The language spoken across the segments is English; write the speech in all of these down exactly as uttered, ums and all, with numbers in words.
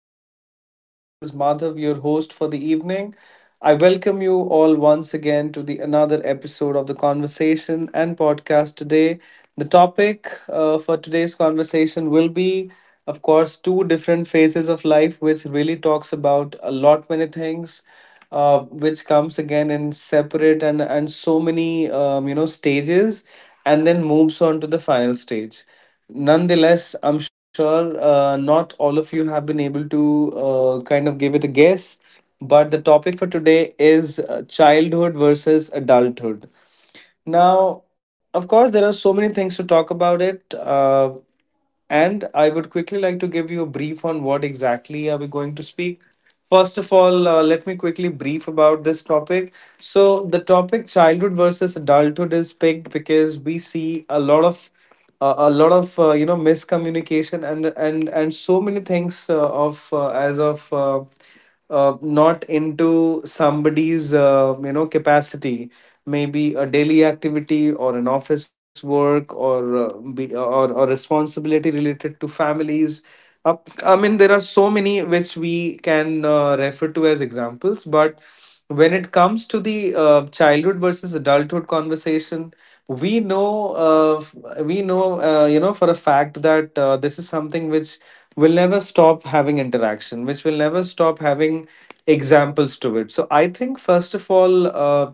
doing amazing. This is Madhav, your host for the evening. I welcome you all once again to the another episode of the conversation and podcast today. The topic uh, for today's conversation will be, of course, two different phases of life, which really talks about a lot many things, uh, which comes again in separate and and so many um, you know stages, and then moves on to the final stage. Nonetheless, I'm sure uh, not all of you have been able to uh, kind of give it a guess, but the topic for today is uh, childhood versus adulthood. Now, of course, there are so many things to talk about it. Uh, and I would quickly like to give you a brief on what exactly are we going to speak. First of all, uh, let me quickly brief about this topic. So the topic childhood versus adulthood is picked because we see a lot of uh, a lot of uh, you know miscommunication and and and so many things uh, of uh, as of uh, uh, not into somebody's uh, you know capacity, maybe a daily activity or an office work, or uh, be, or or responsibility related to families. Up i mean there are so many which we can uh, refer to as examples, but when it comes to the uh, childhood versus adulthood conversation, we know uh, f- we know uh, you know for a fact that uh, this is something which will never stop having interaction, which will never stop having examples to it. So I think, first of all, uh,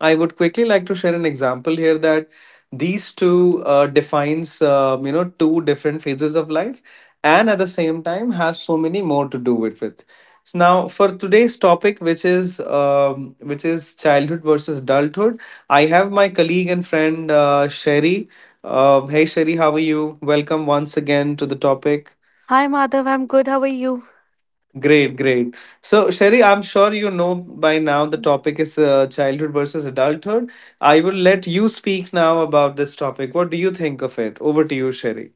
I would quickly like to share an example here that these two uh, defines uh, you know two different phases of life, and at the same time has so many more to do with it. So now for today's topic, which is um, which is childhood versus adulthood, I have my colleague and friend uh, Sherry. Um, hey Sherry, how are you? Welcome once again to the topic. Hi, Madhav. I'm good. How are you? Great, great. So Sherry, I'm sure you know by now the Yes. topic is uh, childhood versus adulthood. I will let you speak now about this topic. What do you think of it? Over to you, Sherry.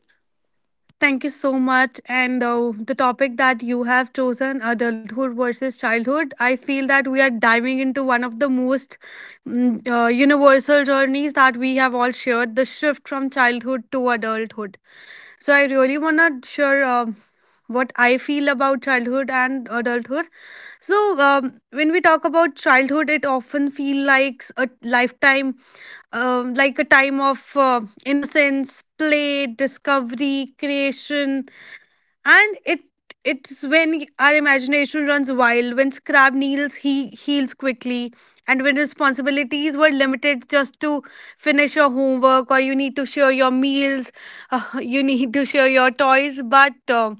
Thank you so much. And uh, the topic that you have chosen, adulthood versus childhood, I feel that we are diving into one of the most mm, uh, universal journeys that we have all shared the shift from childhood to adulthood. So, I really want to share uh, what I feel about childhood and adulthood. So, um, when we talk about childhood, it often feels like a lifetime, um, like a time of uh, innocence, play, discovery, creation, and it it's when our imagination runs wild, when scrap kneels, he heals quickly, and when responsibilities were limited just to finish your homework or you need to share your meals, uh, you need to share your toys, but. Uh,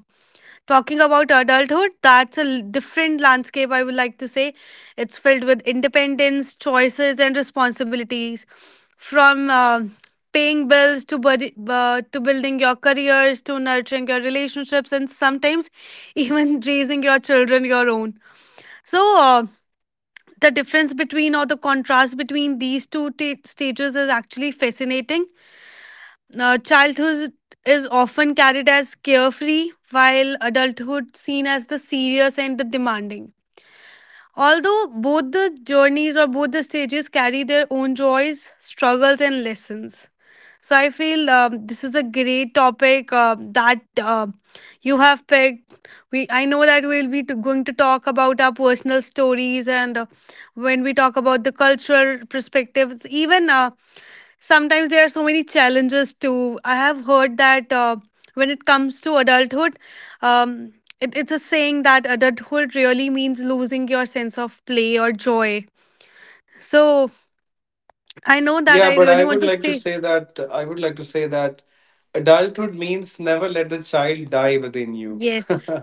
Talking about adulthood, that's a l- different landscape, I would like to say. It's filled with independence, choices, and responsibilities from uh, paying bills to, budi- uh, to building your careers, to nurturing your relationships, and sometimes even raising your children your own. So, uh, the difference between or the contrast between these two ta stages is actually fascinating. Uh, childhood is often carried as carefree, while adulthood seen as the serious and the demanding. Although both the journeys or both the stages carry their own joys, struggles, and lessons. So I feel, um, this is a great topic uh, that uh, you have picked. We I know that we'll be t- going to talk about our personal stories, and uh, when we talk about the cultural perspectives, even uh, sometimes there are so many challenges too. I have heard that uh, when it comes to adulthood, um, it, it's a saying that adulthood really means losing your sense of play or joy. So I know that Yeah, I but really I want would to like to say say that I would like to say that adulthood means never let the child die within you. yes,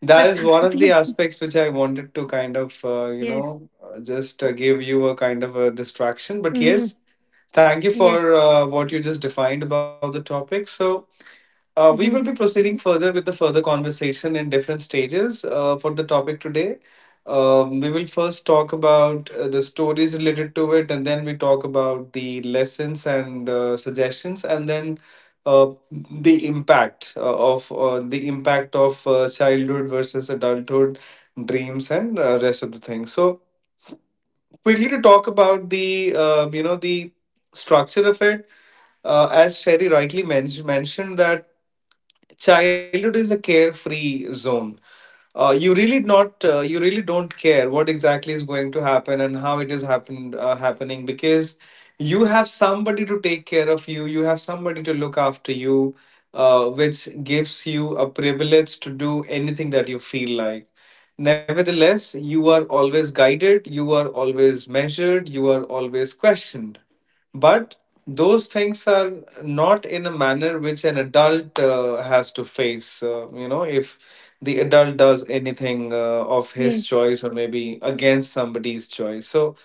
That but is one of the sometimes, aspects which I wanted to kind of uh, you yes. know uh, just uh, give you a kind of a distraction. But Mhm. yes, thank you Yes. for uh, what you just defined about the topic. So uh, we will be Mhm. proceeding further with the further conversation in different stages uh, for the topic today. Um, we will first talk about uh, the stories related to it, and then we talk about the lessons and uh, suggestions, and then uh, the impact uh, of uh, the impact of uh, childhood versus adulthood dreams and uh, rest of the things. So quickly to talk about the um, you know the structure of it, uh, as Sherry rightly men- mentioned, that childhood is a carefree zone. Uh, you really not, uh, you really don't care what exactly is going to happen and how it is happened uh, happening, because you have somebody to take care of you, you have somebody to look after you, uh, which gives you a privilege to do anything that you feel like. Nevertheless, you are always guided, you are always measured, you are always questioned, but those things are not in a manner which an adult uh, has to face. Uh, you know, if the adult does anything uh, of his choice or maybe against somebody's choice. So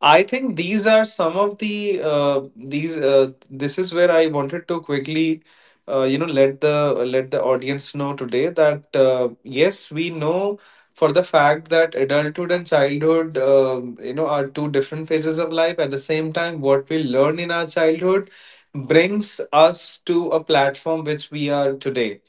I think these are some of the uh, these uh, this is where I wanted to quickly uh, you know let the let the audience know today that uh, yes, we know for the fact that adulthood and childhood um, you know are two different phases of life. At the same time, what we learn in our childhood brings us to a platform which we are today.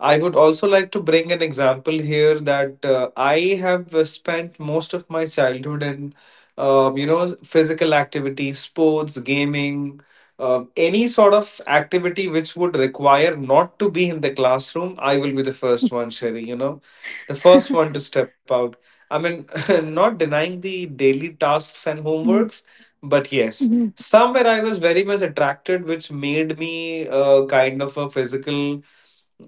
I would also like to bring an example here that uh, I have uh, spent most of my childhood in, um, you know, physical activity, sports, gaming, um, any sort of activity which would require not to be in the classroom. I will be the first one, Sherry, you know, the first one to step out. I mean, not denying the daily tasks and Mhm. homeworks, but yes, Mhm. somewhere I was very much attracted, which made me uh, kind of a physical,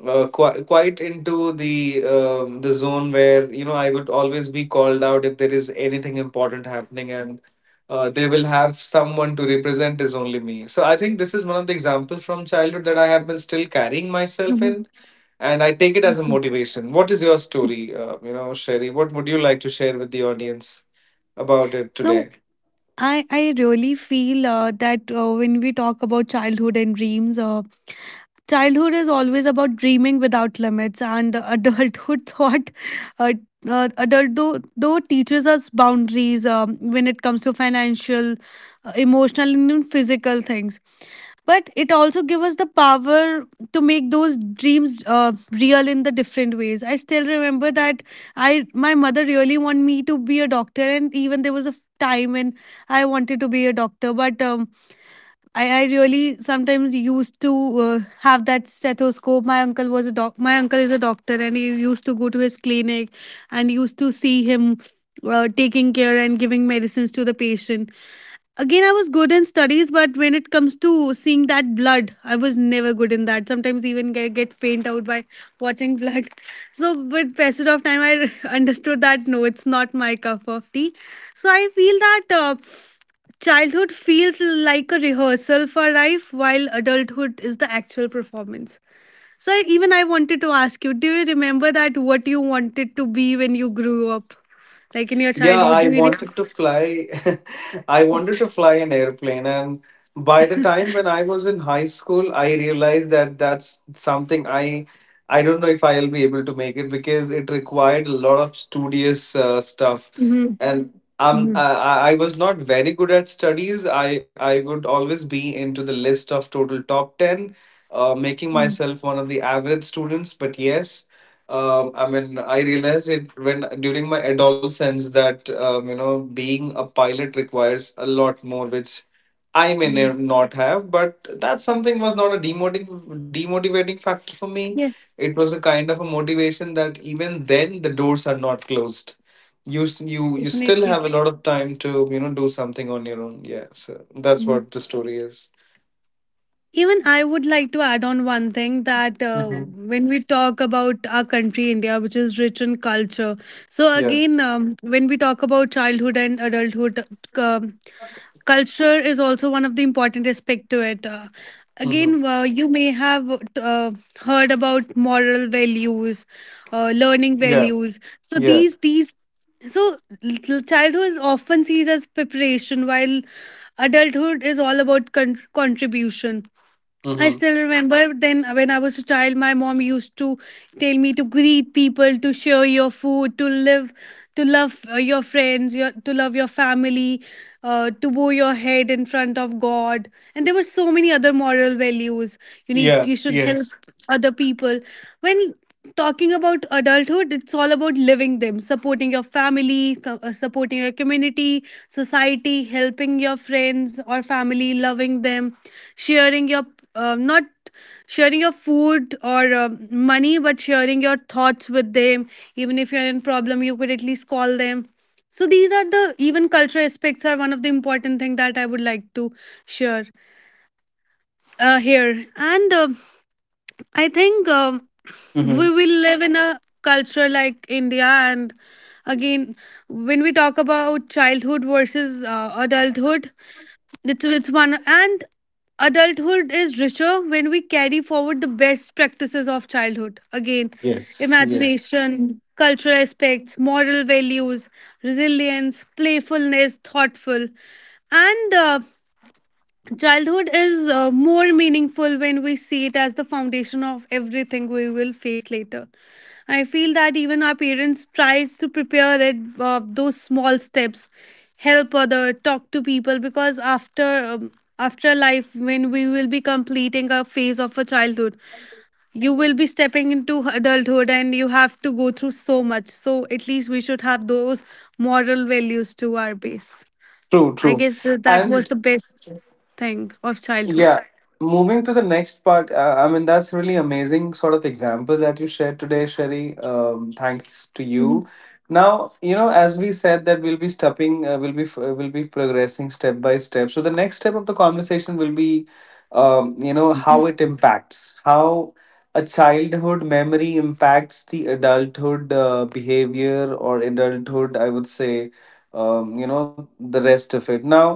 uh, quite quite into the um, the zone where, you know, I would always be called out if there is anything important happening, and uh, they will have someone to represent is only me. So I think this is one of the examples from childhood that I have been still carrying myself Mhm. in, and I take it as a Mhm. motivation. What is your story, uh, you know, Sherry? What would you like to share with the audience about it So today? I I really feel uh, that uh, when we talk about childhood and dreams, uh, childhood is always about dreaming without limits, and adulthood thought. Uh, uh, Adult though, though teaches us boundaries, um, when it comes to financial, uh, emotional, and even physical things, but it also gives us the power to make those dreams uh, real in the different ways. I still remember that I my mother really wanted me to be a doctor, and even there was a time when I wanted to be a doctor, but um, I, I really sometimes used to uh, have that stethoscope. My uncle was a doc. My uncle is a doctor, and he used to go to his clinic, and used to see him uh, taking care and giving medicines to the patient. Again, I was good in studies, but when it comes to seeing that blood, I was never good in that. Sometimes even get, get faint out by watching blood. So with passage of time, I understood that no, it's not my cup of tea. So I feel that. Uh, Childhood feels like a rehearsal for life, while adulthood is the actual performance. So, even I wanted to ask you, do you remember that what you wanted to be when you grew up? Like in your Yeah, childhood? I Do you re- wanted to fly. I wanted to fly an airplane. And by the time when I was in high school, I realized that that's something I I don't know if I'll be able to make it, because it required a lot of studious uh, stuff. Mhm, And um, mhm, I, I I was not very good at studies. I, I would always be into the list of total top ten, uh, making mhm. myself one of the average students. But yes, um, I mean, I realized it when during my adolescence that um, you know being a pilot requires a lot more, which I may ne- Yes. not have. But that something was not a demotiv- demotivating factor for me. Yes, It was a kind of a motivation that even then the doors are not closed. You s- you, you still definitely. have a lot of time to, you know, do something on your own. Yeah, so that's Mhm. what the story is. Even I would like to add on one thing that uh, Hmm. when we talk about our country, India, which is rich in culture. So, Yeah. again, um, when we talk about childhood and adulthood, um, culture is also one of the important aspect to it. Uh, hmm. again uh, You may have uh, heard about moral values, uh, learning Yeah. values, so these Yes. these so little childhood is often seen as preparation while adulthood is all about con- contribution. I Hmm. still remember then when I was a child, my mom used to tell me to greet people, to share your food, to live, to love uh, your friends, your, to love your family, uh, to bow your head in front of God. And there were so many other moral values. You need, Yeah. you should help Yes. other people. When talking about adulthood, it's all about living them, supporting your family, co- uh, supporting your community, society, helping your friends or family, loving them, sharing your, uh, not sharing your food or uh, money, but sharing your thoughts with them. Even if you're in problem, you could at least call them. So these are the even cultural aspects are one of the important thing that I would like to share uh, here and. Uh, I think, um, we Mm-hmm. will live in a culture like India, and again, when we talk about childhood versus uh, adulthood, it's it's one, and adulthood is richer when we carry forward the best practices of childhood. Again, Yes, yes. imagination, cultural aspects, moral values, resilience, playfulness, thoughtful, and uh, childhood is uh, more meaningful when we see it as the foundation of everything we will face later. I feel that even our parents try to prepare it, uh, those small steps, help other, talk to people, because after um, after life, when we will be completing a phase of a childhood, you will be stepping into adulthood, and you have to go through so much. So at least we should have those moral values to our base. True, I true. guess the, that was And the best thing of yeah. childhood. Moving to the next part, uh, I mean, that's really amazing sort of example that you shared today, Sherry. Um, thanks to you. Now, you know, as we said that we'll be stepping, uh, we'll be f- uh, we'll be progressing step by step. So the next step of the conversation will be, um, you know, how it impacts, how a childhood memory impacts the adulthood uh, behavior or adulthood, I would say, um, you know, the rest of it. Now,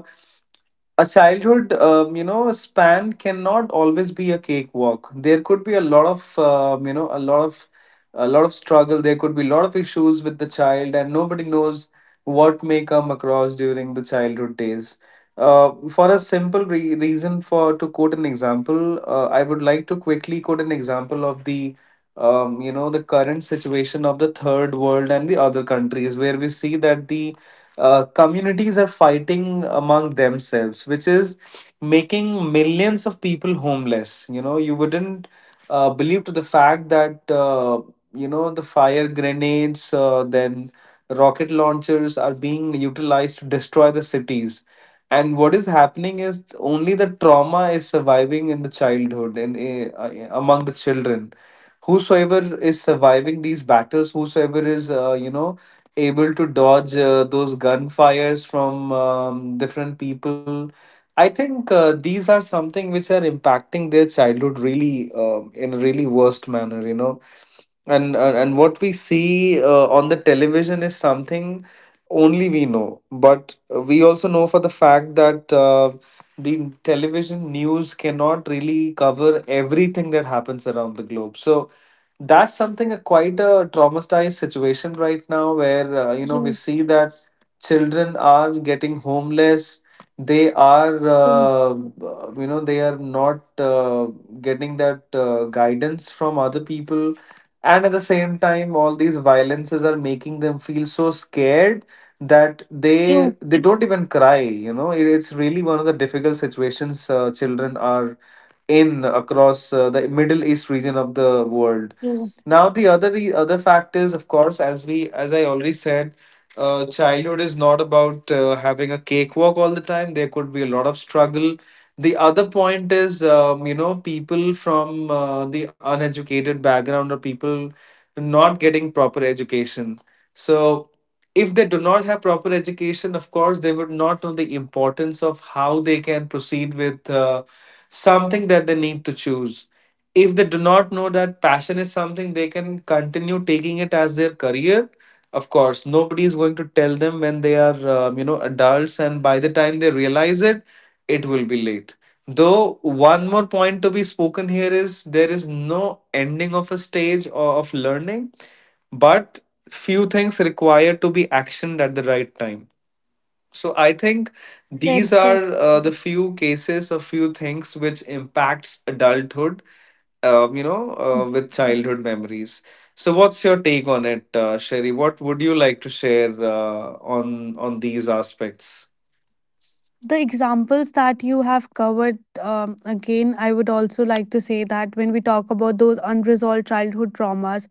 a childhood um, you know span cannot always be a cakewalk. There could be a lot of um, you know a lot of a lot of struggle. There could be a lot of issues with the child, and nobody knows what may come across during the childhood days. uh, for a simple re- reason, for to quote an example, uh, I would like to quickly quote an example of the um, you know the current situation of the third world and the other countries, where we see that the uh, communities are fighting among themselves, which is making millions of people homeless. You know, you wouldn't uh, believe to the fact that uh, you know, the fire grenades, uh, then rocket launchers are being utilized to destroy the cities. And what is happening is only the trauma is surviving in the childhood and uh, among the children. Whosoever is surviving these battles, whosoever is uh, you know able to dodge uh, those gunfires from um, different people. I think uh, these are something which are impacting their childhood really um in a really worst manner, you know. And and and what we see uh, on the television is something only we know, but we also know for the fact that uh, the television news cannot really cover everything that happens around the globe. So that's something a quite a traumatized situation right now, where uh, you know we see Yes, that children are getting homeless. They are, true. uh, you know, they are not uh, getting that uh, guidance from other people, and at the same time all these violences are making them feel so scared that they So they don't even cry, you know. It- it's really one of the difficult situations uh, children are in across uh, the Middle East region of the world. Now, the other re- other factors, of course, as we as I already said, uh, childhood is not about uh, having a cakewalk all the time. There could be a lot of struggle. The other point is, um, you know, people from uh, the uneducated background or people not getting proper education. So, if they do not have proper education, of course, they would not know the importance of how they can proceed with. Uh, something that they need to choose. If they do not know that passion is something they can continue taking it as their career, of course, nobody is going to tell them when they are, um, you know, adults, and by the time they realize it, it will be late. Though one more point to be spoken here is there is no ending of a stage or of learning, but few things require to be actioned at the right time, so I think these are uh, the few cases or few things which impacts adulthood, um, you know, uh, with childhood memories. So what's your take on it, uh, Sherry? What would you like to share uh, on on these aspects? the examples that you have covered, um, again, I would also like to say that when we talk about those unresolved childhood traumas,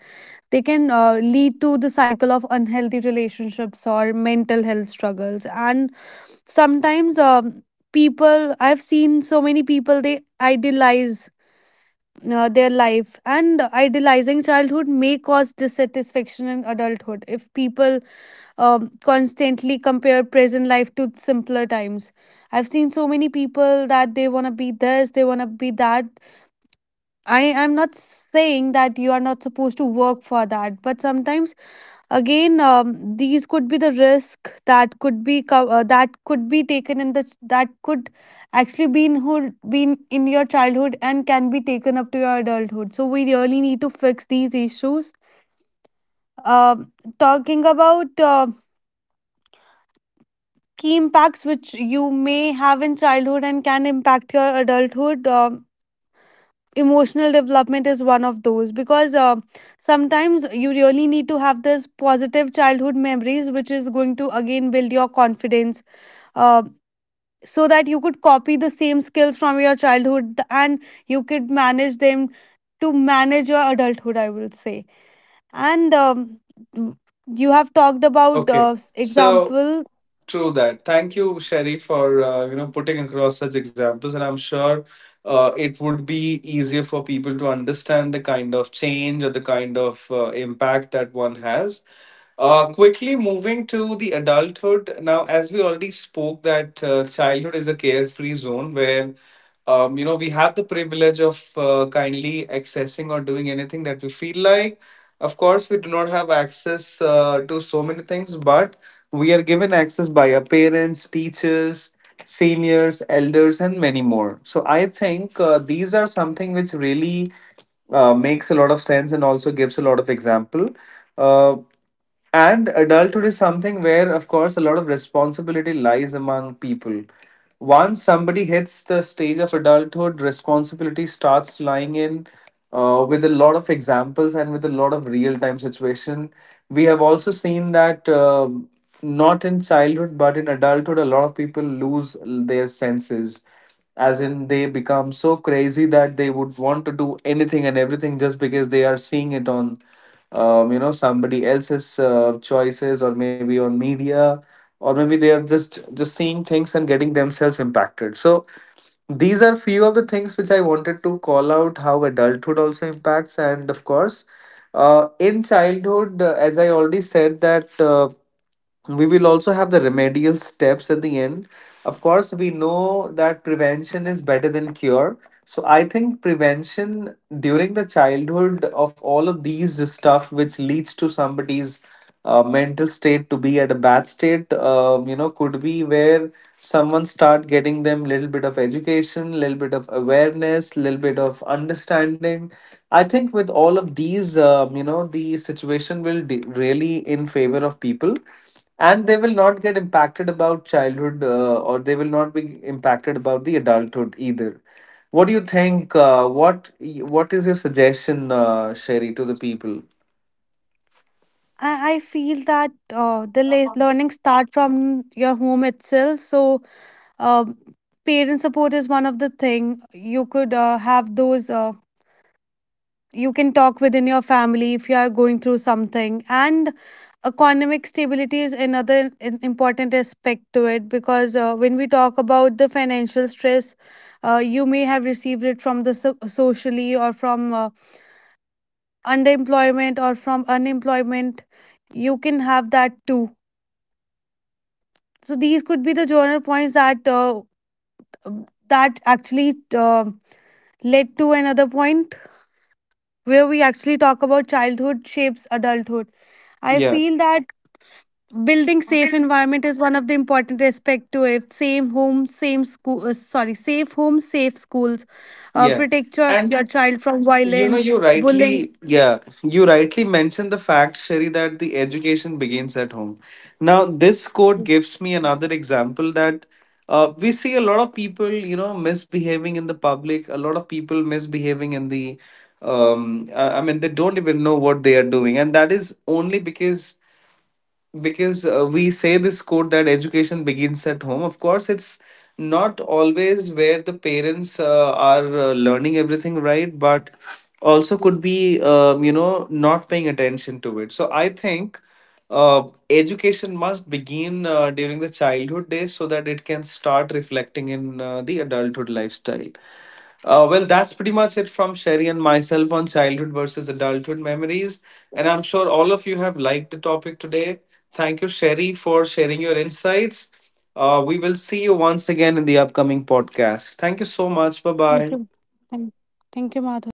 they can uh, lead to the cycle of unhealthy relationships or mental health struggles. And sometimes, um, people, I've seen so many people, they idealize. Uh, their life, and idealizing childhood may cause dissatisfaction in adulthood if people um, constantly compare present life to simpler times. I've seen so many people that they want to be this, they want to be that. I am not saying that you are not supposed to work for that, but sometimes again, um, these could be the risk that could be co- uh, that could be taken in the that could actually be in hood, been in your childhood and can be taken up to your adulthood. So we really need to fix these issues. Um, Talking about uh, key impacts which you may have in childhood and can impact your adulthood. Um emotional development is one of those, because uh, sometimes you really need to have this positive childhood memories, which is going to again build your confidence, uh, so that you could copy the same skills from your childhood and you could manage them to manage your adulthood, I will say. And, um, you have talked about Okay, uh, so example. true that. Thank you, Sherry, for uh, you know putting across such examples, and I'm sure uh, it would be easier for people to understand the kind of change or the kind of uh, impact that one has. Uh, quickly moving to the adulthood. Now, as we already spoke, that uh, childhood is a carefree zone where, um, you know, we have the privilege of uh, kindly accessing or doing anything that we feel like. Of course, we do not have access uh, to so many things, but we are given access by our parents, teachers, seniors, elders, and many more. So, I think uh, these are something which really uh, makes a lot of sense and also gives a lot of example. Uh, and adulthood is something where, of course, a lot of responsibility lies among people. Once somebody hits the stage of adulthood, responsibility starts lying in uh, with a lot of examples and with a lot of real time situation. We have also seen that um not in childhood but in adulthood, a lot of people lose their senses, as in they become so crazy that they would want to do anything and everything just because they are seeing it on um, you know somebody else's uh, choices, or maybe on media, or maybe they are just just seeing things and getting themselves impacted. So these are few of the things which I wanted to call out how adulthood also impacts. And of course, uh, in childhood, uh, as I already said, that uh, we will also have the remedial steps at the end. Of course, we know that prevention is better than cure. So I think prevention during the childhood of all of these stuff, which leads to somebody's uh, mental state to be at a bad state, um, you know, could be where someone start getting them little bit of education, little bit of awareness, little bit of understanding. I think with all of these um, you know the situation will de- really in favor of people, and they will not get impacted about childhood, uh, or they will not be impacted about the adulthood either. What do you think, uh, what what is your suggestion, uh, Sherry, to the people? I, I feel that uh, the le- learning start from your home itself. So, um, parent support is one of the thing. You could uh, have those. Uh, you can talk within your family if you are going through something, and economic stability is another im- important aspect to it, because uh, when we talk about the financial stress, uh, you may have received it from the so- socially or from uh, underemployment or from unemployment. You can have that too. So these could be the journal points that uh, um, that actually uh, led to another point where we actually talk about childhood shapes adulthood. I Yeah, feel that building safe environment is one of the important aspect to it. Same home, same school. Uh, sorry, safe home, safe schools. Uh, yeah, Protect your, and your child from you know, you violence, rightly, bullying. yeah, you rightly mentioned the fact, Sherry, that the education begins at home. Now, this quote Yes. gives me another example that uh, we see a lot of people, you know, misbehaving in the public, a lot of people misbehaving in the, um, I I mean, they don't even know what they are doing. And that is only because because uh, we say this quote that education begins at home. Of course, it's not always where the parents uh, are uh, learning everything right, but also could be um, you know not paying attention to it. So I think uh, education must begin uh, during the childhood days so that it can start reflecting in uh, the adulthood lifestyle. Uh, well, that's pretty much it from Sherry and myself on childhood versus adulthood memories. And I'm sure all of you have liked the topic today. Thank you, Sherry, for sharing your insights. Uh, we will see you once again in the upcoming podcast. Thank you so much. Bye Thank you. bye. Thank, thank you, Madhav.